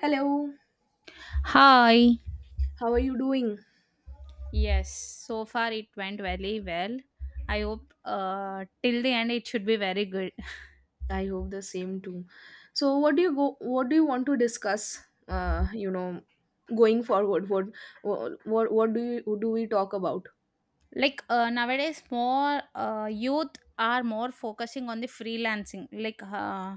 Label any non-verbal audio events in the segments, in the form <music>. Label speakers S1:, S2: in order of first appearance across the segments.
S1: Hello,
S2: Hi.
S1: how are you doing?
S2: Yes, so far it went very well. I hope till the end it should be very good.
S1: I hope the same too. So, what do you go? What do you want to discuss? Uh, you know, going forward, what do you do we talk about?
S2: Like nowadays, more youth are more focusing on the freelancing, like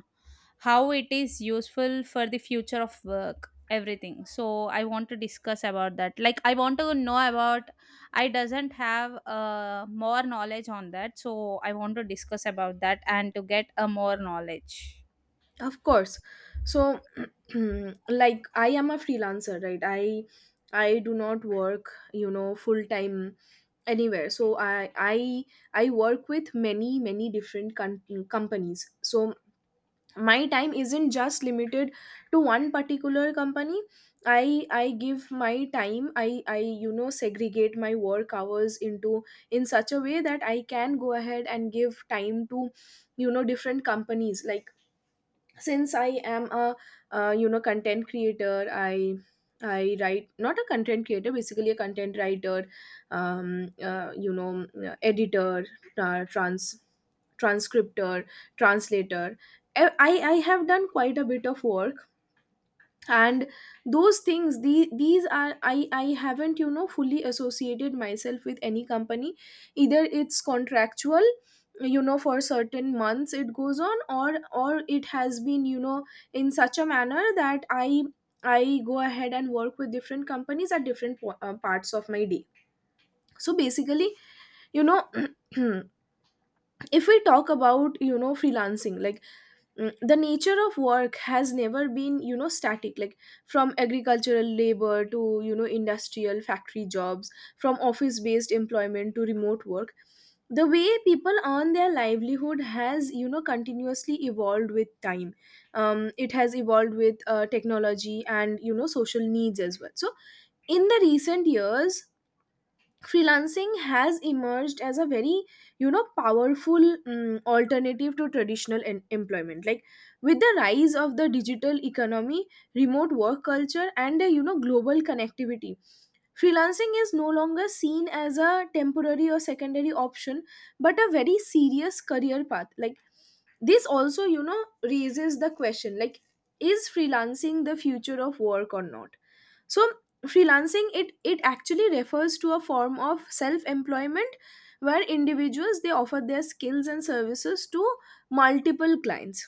S2: how it is useful for the future of work, everything. So I want to discuss about that. Like I want to know about. I doesn't have more knowledge on that, so I want to discuss about that and to get a more knowledge.
S1: Of course. So, <clears throat> like I am a freelancer, right? I do not work, full time anywhere. So I work with many companies. So my time isn't just limited to one particular company. I give my time. I segregate my work hours into in such a way that I can go ahead and give time to different companies. Like since I am a content creator. I i write not a content creator, basically a content writer, um, uh, you know editor, uh, trans transcriptor, translator. E, I have done quite a bit of work, and those things, these are, i haven't fully associated myself with any company. Either it's contractual, for certain months it goes on, or it has been in such a manner that i go ahead and work with different companies at different parts of my day. So basically, you know <clears throat> if we talk about freelancing, like the nature of work has never been, static. Like from agricultural labor to industrial factory jobs, from office based employment to remote work, the way people earn their livelihood has, continuously evolved with time. It has evolved with technology and, social needs as well. So in the recent years, freelancing has emerged as a very, powerful alternative to traditional employment. Like with the rise of the digital economy, remote work culture, and, global connectivity, freelancing is no longer seen as a temporary or secondary option, but a very serious career path. Like this also, raises the question, like is freelancing the future of work or not? So freelancing, it actually refers to a form of self employment where individuals, they offer their skills and services to multiple clients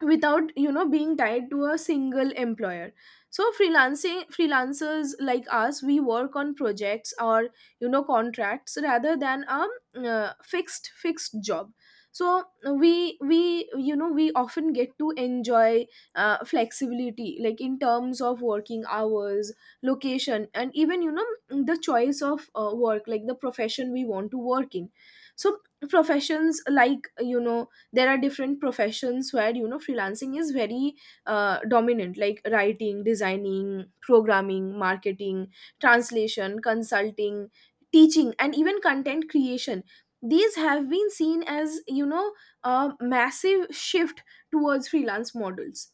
S1: without, being tied to a single employer. So freelancing freelancers like us, we work on projects or, contracts rather than a fixed job. So we we often get to enjoy flexibility, like in terms of working hours, location, and even, the choice of work, like the profession we want to work in. So professions like, there are different professions where, freelancing is very dominant, like writing, designing, programming, marketing, translation, consulting, teaching, and even content creation. These have been seen as, a massive shift towards freelance models.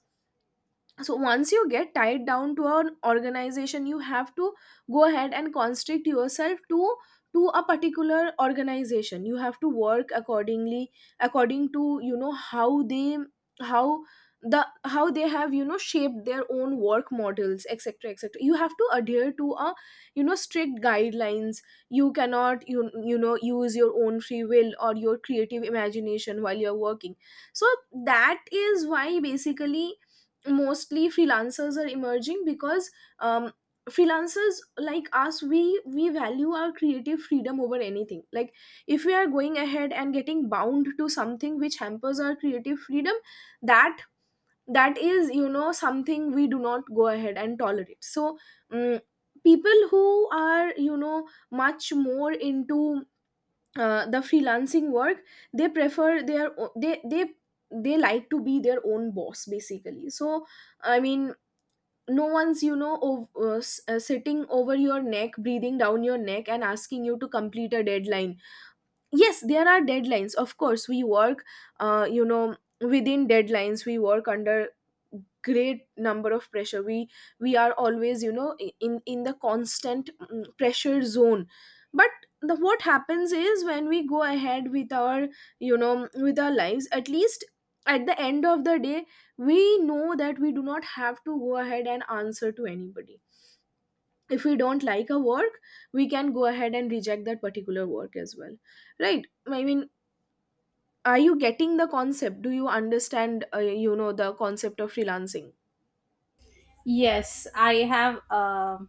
S1: So once you get tied down to an organization, you have to go ahead and constrict yourself to a particular organization. You have to work accordingly, according to how they how the how they have, shaped their own work models, etc, etc. You have to adhere to a, strict guidelines. You cannot, use your own free will or your creative imagination while you're working. So that is why, basically, mostly freelancers are emerging because, um, freelancers like us, we value our creative freedom over anything. Like if we are going ahead and getting bound to something which hampers our creative freedom, that that is, something we do not go ahead and tolerate. So, um, people who are, much more into the freelancing work, they prefer their they like to be their own boss, basically. So I mean, no one's, sitting over your neck, breathing down your neck and asking you to complete a deadline. Yes, there are deadlines, of course. We work, uh, you know within deadlines. We work under great number of pressure. We are always, in the constant pressure zone. But the what happens is, when we go ahead with our, you know with our lives, at least at the end of the day, we know that we do not have to go ahead and answer to anybody. If we don't like a work, we can go ahead and reject that particular work as well, right? I mean, are you getting the concept? Do you understand, the concept of freelancing?
S2: Yes, I have.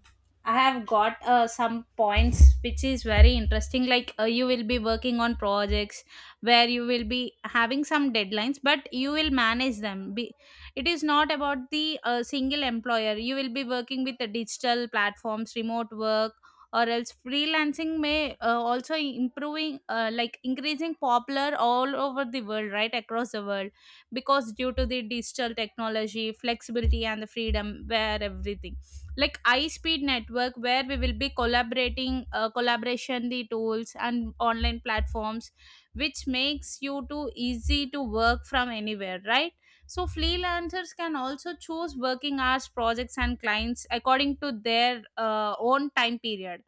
S2: I have got some points which is very interesting. Like you will be working on projects where you will be having some deadlines, but you will manage them. It is not about the single employer. You will be working with the digital platforms, remote work, or else freelancing may also improving, like increasing popular all over the world, right across the world because due to the digital technology flexibility and the freedom where everything like high speed network where we will be collaborating collaboration the tools and online platforms which makes you too easy to work from anywhere, right? So freelancers can also choose working hours, projects and clients according to their own time period.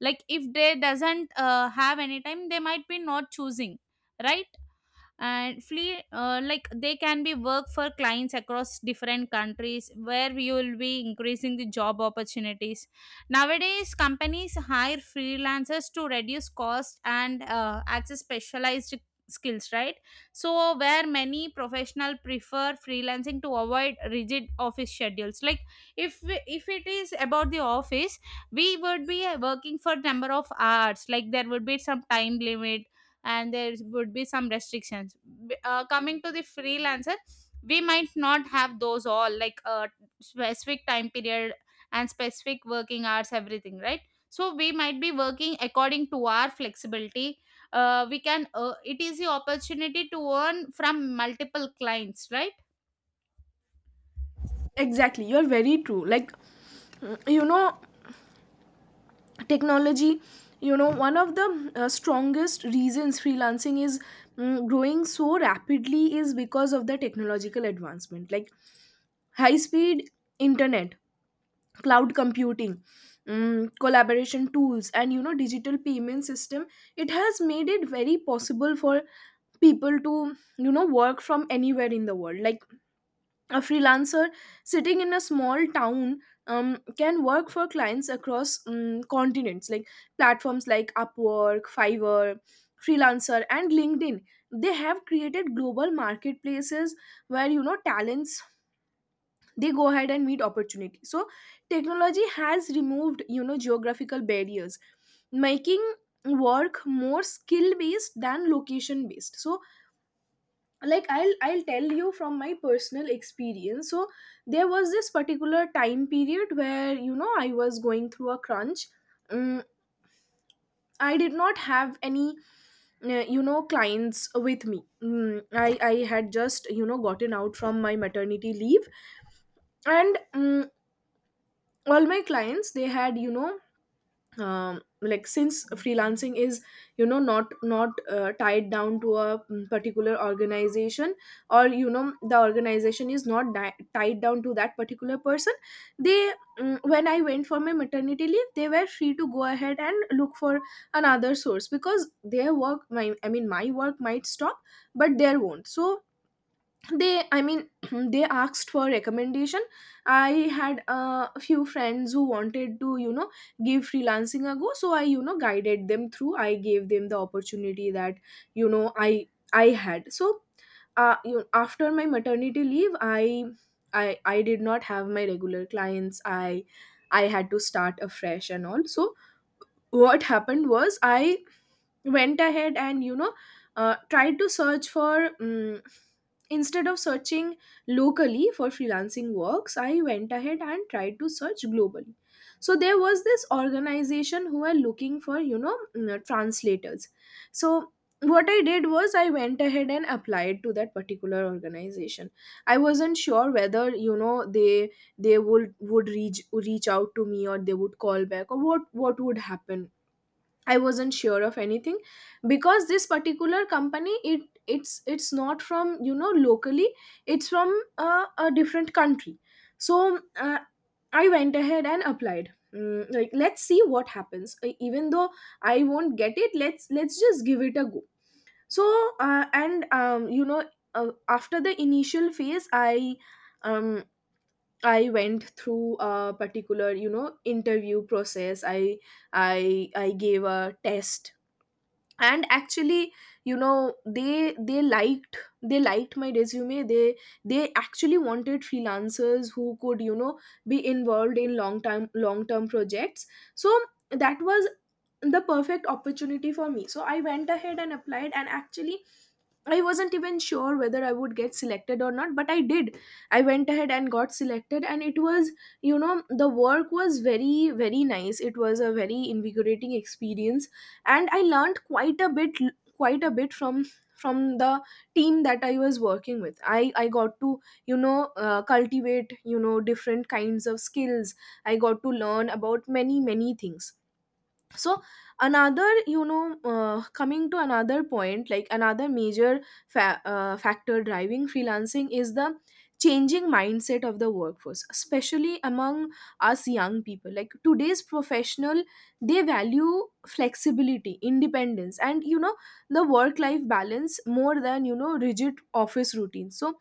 S2: Like if they doesn't have any time, they might be not choosing, right? and flee Like they can be work for clients across different countries where we will be increasing the job opportunities. Nowadays companies hire freelancers to reduce cost and access specialized skills, right? So where many professional prefer freelancing to avoid rigid office schedules. Like if if it is about the office, we would be working for number of hours, like there would be some time limit and there would be some restrictions. Coming to the freelancer, we might not have those all like a specific time period and specific working hours, everything, right? So we might be working according to our flexibility. We can it is the opportunity to earn from multiple clients, right?
S1: Exactly, you're very true. Like, you know technology, one of the strongest reasons freelancing is growing so rapidly is because of the technological advancement, like high speed internet, cloud computing, collaboration tools, and, digital payment system. It has made it very possible for people to, work from anywhere in the world. Like a freelancer sitting in a small town, can work for clients across, continents. Like platforms like Upwork, Fiverr, Freelancer and LinkedIn, they have created global marketplaces where, talents, they go ahead and meet opportunity. So technology has removed, geographical barriers, making work more skill based than location based. So like I'll tell you from my personal experience. So there was this particular time period where, I was going through a crunch. Mm, I did not have any clients with me. I had just, gotten out from my maternity leave. And all my clients, they had, like since freelancing is, not tied down to a particular organization, or, the organization is not tied down to that particular person. they when I went for my maternity leave, they were free to go ahead and look for another source, because their work, my I mean my work might stop but their won't. So they, I mean, <clears throat> they asked for recommendation. I had a few friends who wanted to, give freelancing a go. So i, guided them through. I gave them the opportunity that, you know i I had. So, you after my maternity leave, i did not have my regular clients. I had to start afresh and all. So what happened was, I went ahead and, tried to search for, instead of searching locally for freelancing works, I went ahead and tried to search globally. So there was this organization who are looking for, translators. So what I did was, I went ahead and applied to that particular organization. I wasn't sure whether, they would reach out to me, or they would call back, or what would happen. I wasn't sure of anything, because this particular company, it's not from, locally. It's from a different country. So I went ahead and applied. Like let's see what happens. Even though I won't get it, let's just give it a go. So, and you know after the initial phase, um, I went through a particular, interview process. I gave a test, and actually, they liked my resume. They actually wanted freelancers who could, be involved in long term projects. So that was the perfect opportunity for me. So I went ahead and applied, and actually I wasn't even sure whether I would get selected or not, but I did. I went ahead and got selected, and it was, you know, the work was very, very nice. It was a very invigorating experience, and I learned quite a bit from the team that I was working with. I got to, cultivate, different kinds of skills. I got to learn about many, many things. So another, coming to another point, like another major factor driving freelancing is the changing mindset of the workforce, especially among us young people. Like today's professional, they value flexibility, independence, and, the work life balance more than, rigid office routines. So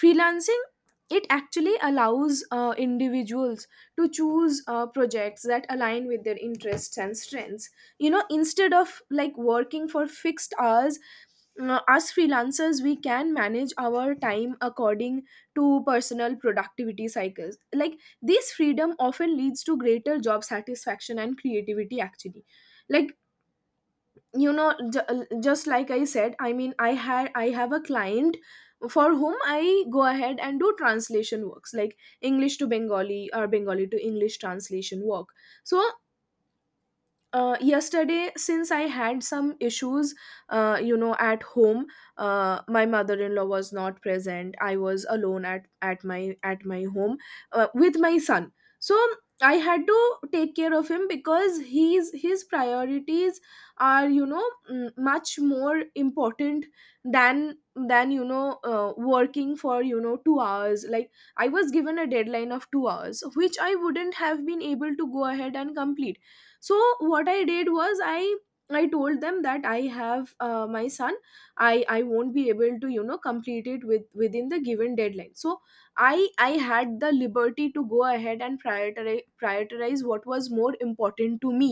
S1: freelancing, it actually allows individuals to choose projects that align with their interests and strengths, instead of like working for fixed hours. As freelancers, we can manage our time according to personal productivity cycles. Like, this freedom often leads to greater job satisfaction and creativity actually. Like, just like I said, I mean, I have a client for whom I go ahead and do translation works, like English to Bengali or Bengali to English translation work. So yesterday, since I had some issues you know, at home, my mother-in-law was not present. I was alone at my home, with my son. So I had to take care of him because he's— his priorities are, you know, much more important than working for, you know, 2 hours. Like, I was given a deadline of 2 hours, which I wouldn't have been able to go ahead and complete. So what I did was, I— I told them that I have my son. I won't be able to, you know, complete it within the given deadline. So I had the liberty to go ahead and prioritize what was more important to me.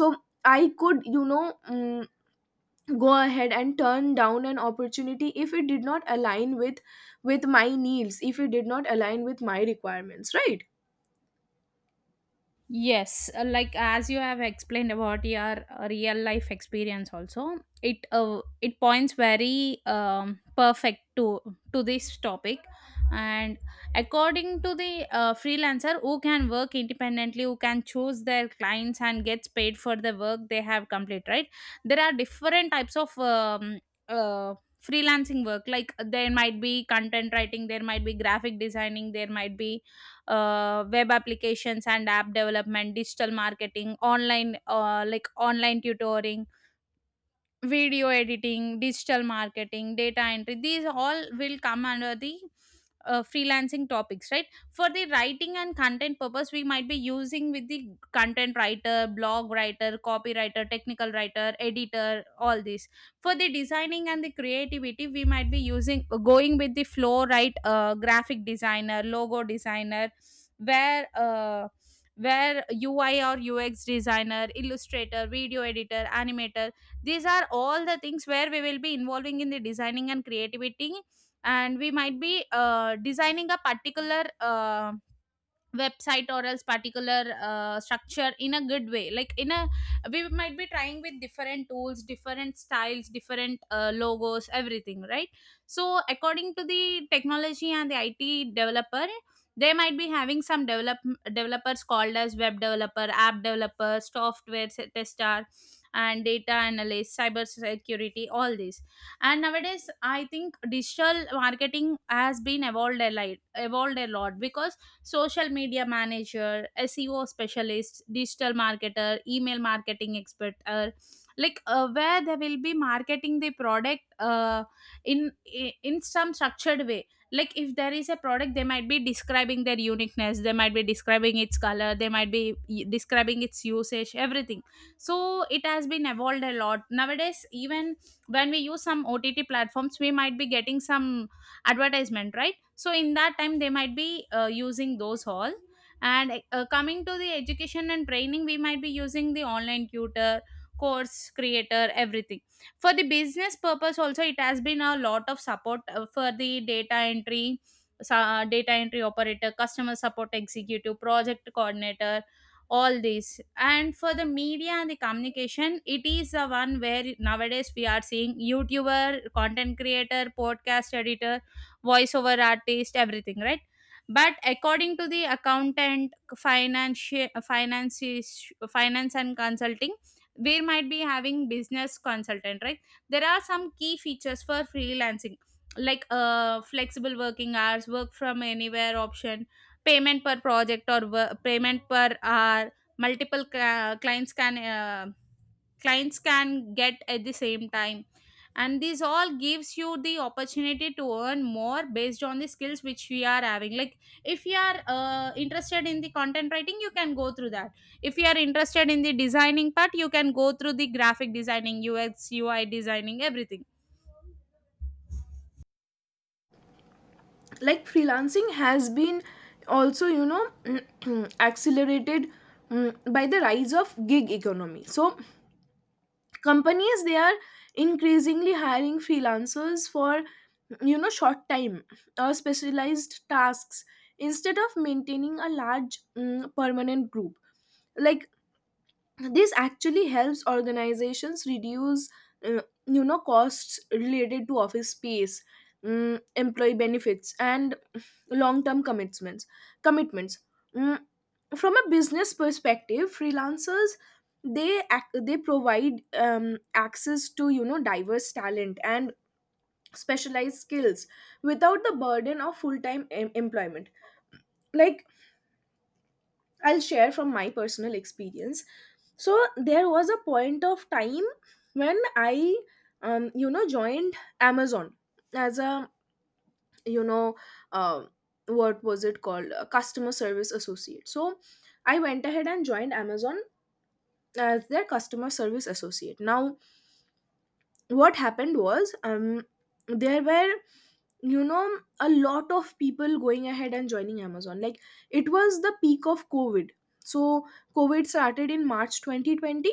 S1: So I could, you know, mm go ahead and turn down an opportunity if it did not align with— with my needs, if it did not align with my requirements, right?
S2: Yes, like as you have explained about your real life experience, also it it points very perfect to this topic, and according to the freelancer who can work independently, who can choose their clients and gets paid for the work they have complete. Right, there are different types of uh, freelancing work. Like there might be content writing, there might be graphic designing, there might be web applications and app development, digital marketing, online like online tutoring, video editing, digital marketing, data entry, these all will come under the freelancing topics, right? For the writing and content purpose, we might be using with the content writer, blog writer, copywriter, technical writer, editor, all this. For the designing and the creativity, we might be using going with the flow, right? Graphic designer, logo designer, where uh, where UI or UX designer, illustrator, video editor, animator, these are all the things where we will be involving in the designing and creativity. And we might be designing a particular website or else particular structure in a good way, like in a we might be trying with different tools, different styles, different logos, everything, right? So according to the technology and the IT developer, they might be having some developers called as web developer, app developer, tester and data analyst, cyber security, all these. And nowadays I think digital marketing has been evolved a lot because social media manager, SEO specialist, digital marketer, email marketing expert, or like where they will be marketing the product, in in some structured way. Like if there is a product, they might be describing their uniqueness, they might be describing its color, they might be describing its usage, everything. So it has been evolved a lot nowadays. Even when we use some OTT platforms, we might be getting some advertisement, right? So in that time they might be using those all. And coming to the education and training, we might be using the online tutor, course creator, everything. For the business purpose also it has been a lot of support for the data entry, data entry operator, customer support executive, project coordinator, all these. And for the media and the communication it is the one where nowadays we are seeing youtuber, content creator, podcast editor, voiceover artist, everything, right? But according to the accountant, financial, finances, finance and consulting, we might be having business consultant, right? There are some key features for freelancing, like flexible working hours, work from anywhere option, payment per project or payment per hour. Clients can clients can get at the same time, and this all gives you the opportunity to earn more based on the skills which we are having. Like if you are interested in the content writing, you can go through that. If you are interested in the designing part, you can go through the graphic designing, UX UI designing, everything.
S1: Like, freelancing has been also, you know, <clears throat> accelerated by the rise of gig economy. So companies, they are increasingly hiring freelancers for, you know, short time or specialized tasks instead of maintaining a large permanent group. Like, this actually helps organizations reduce you know, costs related to office space, employee benefits and long term commitments. Mm, from a business perspective, freelancers, they provide access to, you know, diverse talent and specialized skills without the burden of full time employment. Like, I'll share from my personal experience. So there was a point of time when I, you know, joined Amazon as a, you know, uh, what was it called? A customer service associate. So I went ahead and joined Amazon as their customer service associate. Now, what happened was, there were, you know, a lot of people going ahead and joining Amazon. Like, it was the peak of COVID. So COVID started in March 2020.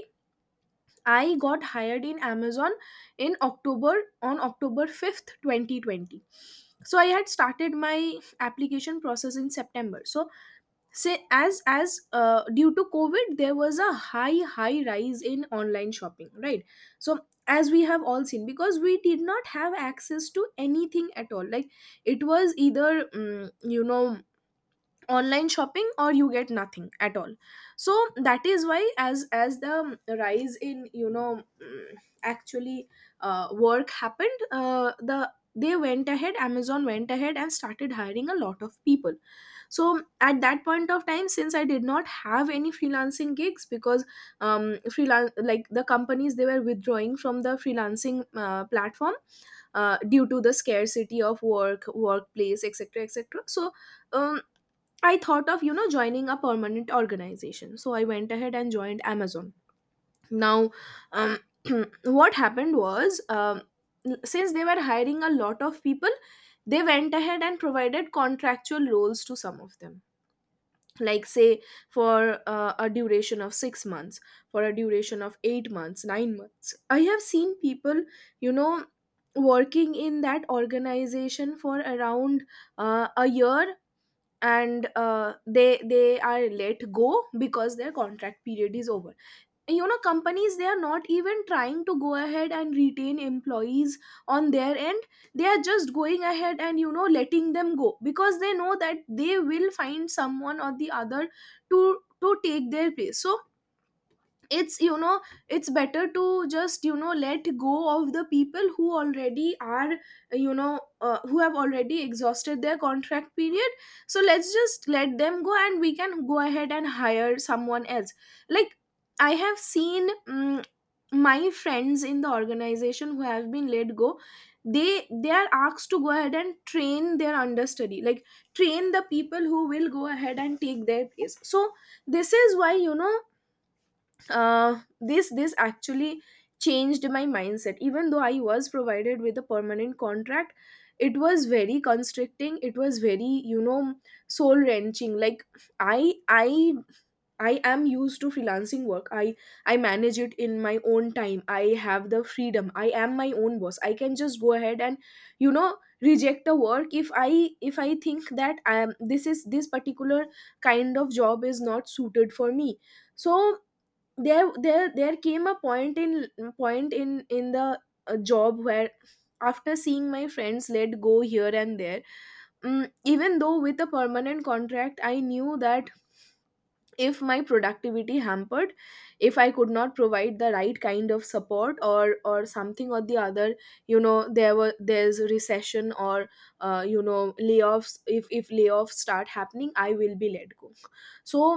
S1: I got hired in Amazon in October, on October 5th 2020. So I had started my application process in September. So, say, as due to COVID, there was a high rise in online shopping, right? So, as we have all seen, because we did not have access to anything at all, like, it was either, you know, online shopping or you get nothing at all. So that is why, as the rise in, you know, actually work happened, they went ahead— Amazon went ahead and started hiring a lot of people. So at that point of time, since I did not have any freelancing gigs, because freelance like, the companies, they were withdrawing from the freelancing platform due to the scarcity of work— workplace, etc., etc. So, um I thought of, you know, joining a permanent organization. So I went ahead and joined Amazon. Now, um <clears throat> what happened was, since they were hiring a lot of people, they went ahead and provided contractual roles to some of them, like, say, for a duration of 6 months, for a duration of 8 months, 9 months. I have seen people, you know, working in that organization for around a year, and they are let go because their contract period is over. You know, companies, they are not even trying to go ahead and retain employees on their end. They are just going ahead and, you know, letting them go because they know that they will find someone or the other to— take their place. So, it's, you know, it's better to just, you know, let go of the people who already are, you know, who have already exhausted their contract period. So let's just let them go and we can go ahead and hire someone else. Like, I have seen, my friends in the organization who have been let go, they are asked to go ahead and train their understudy, like, train the people who will go ahead and take their place. So this is why, you know, this actually changed my mindset. Even though I was provided with a permanent contract, it was very constricting, it was very, you know, soul wrenching. Like, i i I am used to freelancing work. I manage it in my own time. I have the freedom. I am my own boss. I can just go ahead and, you know, reject the work if I— if I think that I am— this is this particular kind of job is not suited for me. So, there came a point in— point in the job where, after seeing my friends let go here and there, even though with a permanent contract, I knew that if my productivity hampered, if I could not provide the right kind of support, or— or something or the other, you know, there were— there's a recession, or you know, layoffs— if— if layoffs start happening, I will be let go. So,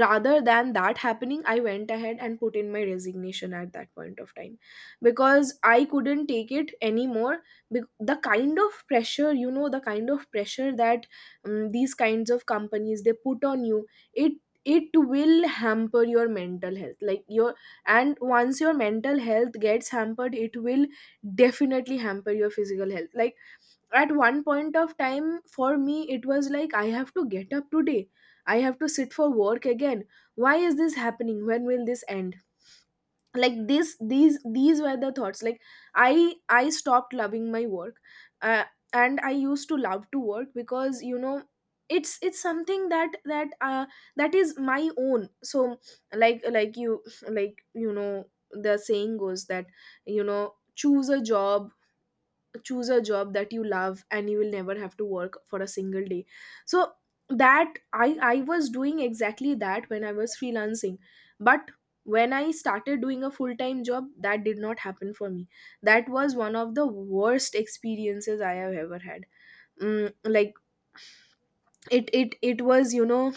S1: rather than that happening, I went ahead and put in my resignation at that point of time, because I couldn't take it anymore. The kind of pressure, you know, the kind of pressure that, these kinds of companies, they put on you, it— it will hamper your mental health. Like, your— and once your mental health gets hampered, it will definitely hamper your physical health. Like, at one point of time for me, it was like, I have to get up today, I have to sit for work again. Why is this happening? When will this end? Like this— these were the thoughts. Like, I stopped loving my work, uh, and I used to love to work, because, you know, it's— it's something that— that is my own. So, like— like you know, the saying goes that, you know, choose a job— choose a job that you love and you will never have to work for a single day. So, that— I was doing exactly that when I was freelancing, but when I started doing a full time job, that did not happen for me. That was one of the worst experiences I have ever had. Like, it was, you know,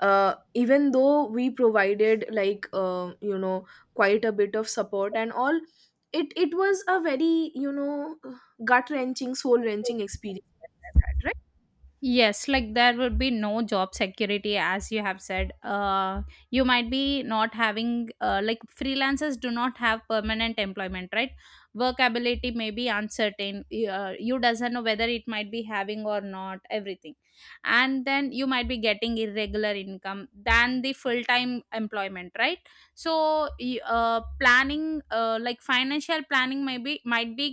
S1: even though we provided, like, you know, quite a bit of support and all, it was a very, you know, gut wrenching, soul wrenching experience that I had.
S2: Yes, like there would be no job security, as you have said. You might be not having, like, freelancers do not have permanent employment, right? Workability may be uncertain. You doesn't know whether it might be having or not, everything. And then you might be getting irregular income than the full time employment, right? So, planning, like, financial planning, maybe might be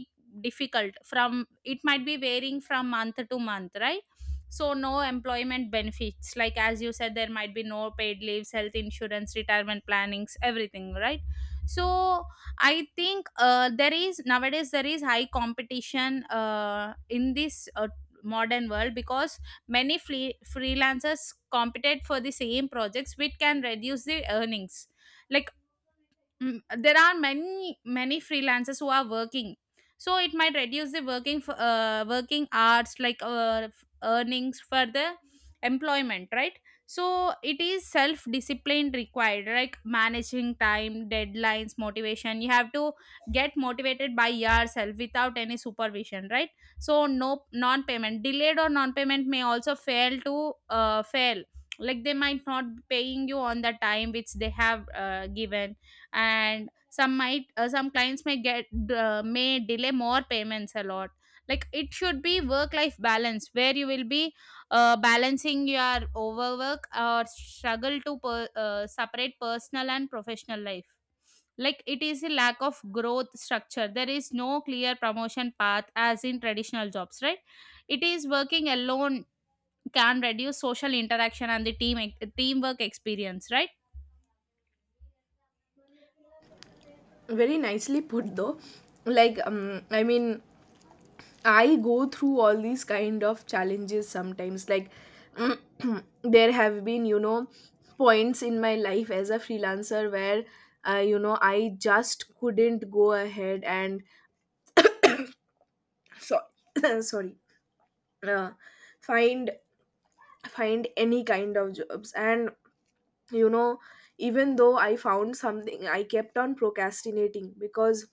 S2: difficult from it might be varying from month to month, right? So no employment benefits, like as you said there might be no paid leaves, health insurance, retirement plannings, everything, right? So I think there is nowadays there is high competition in this modern world because many freelancers competed for the same projects which can reduce the earnings. Like, Mm, there are many freelancers who are working, so it might reduce the working for, working hours like earnings for the employment, right? So it is self discipline required, like managing time, deadlines, motivation, you have to get motivated by yourself without any supervision, right? So no non payment, delayed or non payment may also fail to fail, like they might not be paying you on the time which they have given, and some might some clients may get may delay more payments a lot. Like it should be work life balance where you will be balancing your overwork or struggle to separate personal and professional life. Like it is a lack of growth structure, there is no clear promotion path as in traditional jobs, right? It is working alone can reduce social interaction and the teamwork experience, right?
S1: Right, very nicely put though. Like, I mean, I go through all these kind of challenges sometimes. Like, <clears throat> there have been, you know, points in my life as a freelancer where, you know, I just couldn't go ahead and— so <coughs> sorry, uh, find— any kind of jobs, and, you know, even though I found something, I kept on procrastinating because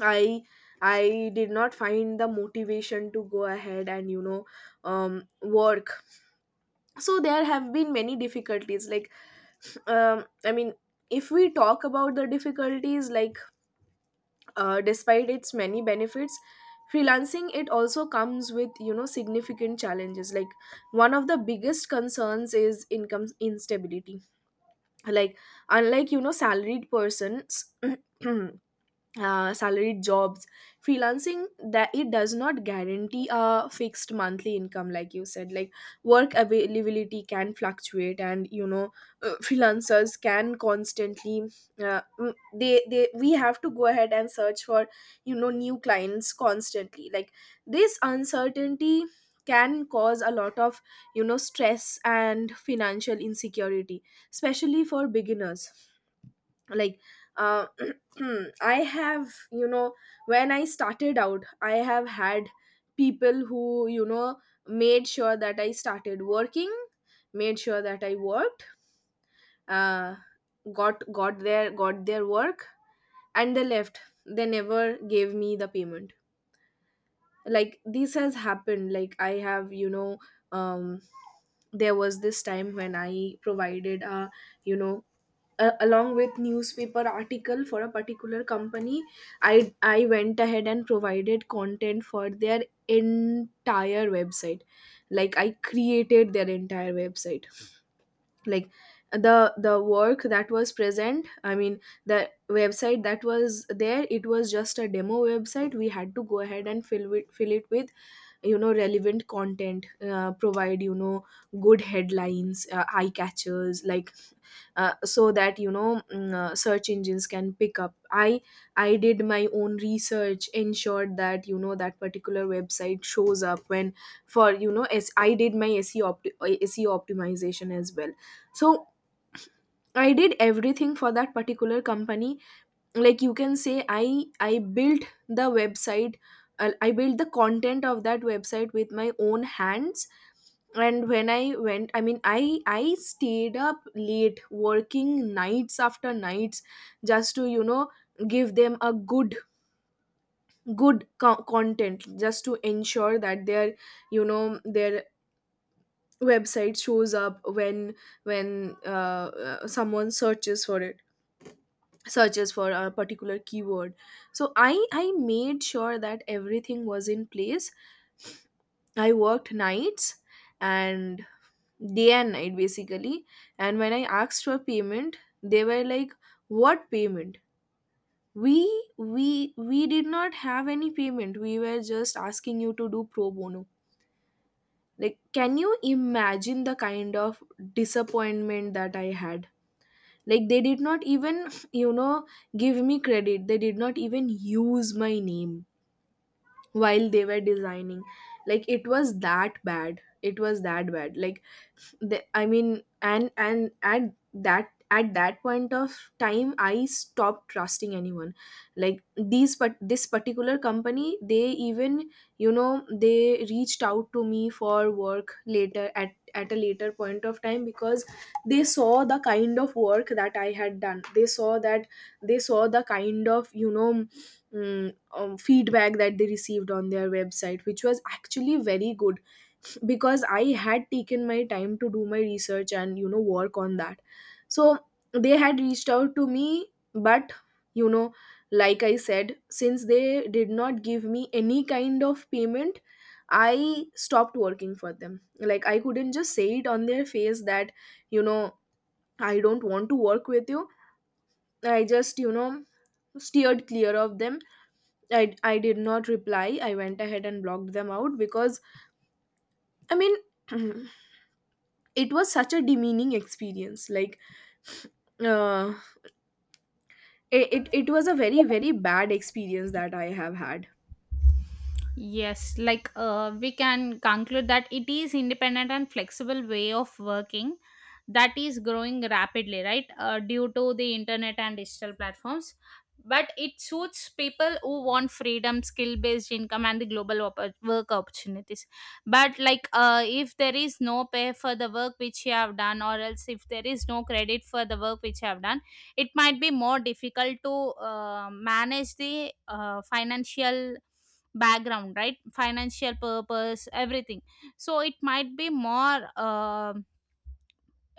S1: i I did not find the motivation to go ahead and, you know, work. So there have been many difficulties. Like, I mean, if we talk about the difficulties, like, despite its many benefits, freelancing, it also comes with, you know, significant challenges. Like, one of the biggest concerns is income instability. Like, unlike, you know, salaried persons, <clears throat> salaried jobs, freelancing, that it does not guarantee a fixed monthly income, like you said. Like, work availability can fluctuate, and, you know, freelancers can constantly— mm, they we have to go ahead and search for, you know, new clients constantly. Like, this uncertainty can cause a lot of, you know, stress and financial insecurity, especially for beginners. Like, uh, <clears throat> I have, you know— when I started out, I have had people who, you know, made sure that I started working, made sure that I worked, uh, got— got their work, and they left. They never gave me the payment. Like, this has happened. Like, I have, you know, um there was this time when I provided a, you know, along with newspaper article for a particular company, I— went ahead and provided content for their entire website. Like, I created their entire website. Like, the work that was present— I mean, the website that was there, it was just a demo website. We had to go ahead and fill it with, you know, relevant content, provide, you know, good headlines, eye catchers, like, so that, you know, search engines can pick up. I did my own research, ensured that, you know, that particular website shows up when— for, you know— as I did my SEO optimization as well. So I did everything for that particular company. Like, you can say, I built the website. I built the content of that website with my own hands. And when I went— I mean, I stayed up late working nights after nights, just to, you know, give them a good content, just to ensure that their, you know, their website shows up when— when someone searches for it, searches for a particular keyword. So I— made sure that everything was in place. I worked nights and day and night, basically. And when I asked for payment, they were like, "What payment? We we we did not have any payment. We were just asking you to do pro bono." Like, can you imagine the kind of disappointment that I had? Like, they did not even, you know, give me credit. They did not even use my name while they were designing. Like, it was that bad. It was that bad. Like, I mean, and at that point of time, I stopped trusting anyone. Like, these but this particular company, they even, you know, they reached out to me for work later, at a later point of time, because they saw the kind of work that I had done. They saw that— they saw the kind of, you know, feedback that they received on their website, which was actually very good, because I had taken my time to do my research and, you know, work on that. So they had reached out to me, but, you know, like I said, since they did not give me any kind of payment, I stopped working for them. Like, I couldn't just say it on their face that, you know, I don't want to work with you. I just, you know, steered clear of them. I did not reply. I went ahead and blocked them out because, I mean, <clears throat> it was such a demeaning experience. Like, uh, it was a very, very bad experience that I have had.
S2: Yes, like we can conclude that it is independent and flexible way of working that is growing rapidly, right? Due to the internet and digital platforms, but it suits people who want freedom, skill-based income, and the work opportunities. But like, if there is no pay for the work which you have done, or else if there is no credit for the work which you have done, it might be more difficult to manage the financial background, right? Financial purpose, everything. So it might be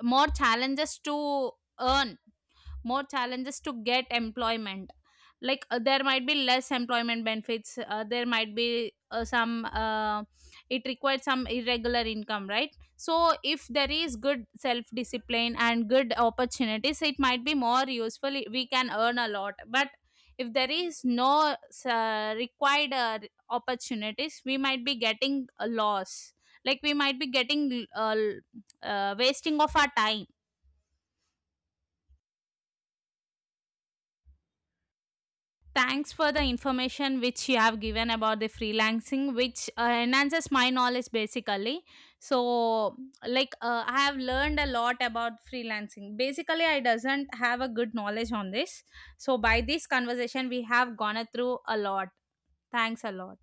S2: more challenges to earn, more challenges to get employment. Like there might be less employment benefits, there might be some it requires some irregular income, right? So if there is good self discipline and good opportunities, it might be more useful, we can earn a lot. But if there is no required opportunities, we might be getting a loss, like we might be getting wasting of our time. Thanks for the information which you have given about the freelancing, which enhances my knowledge basically. So, like, I have learned a lot about freelancing. Basically, I doesn't have a good knowledge on this. So, by this conversation, we have gone through a lot. Thanks a lot.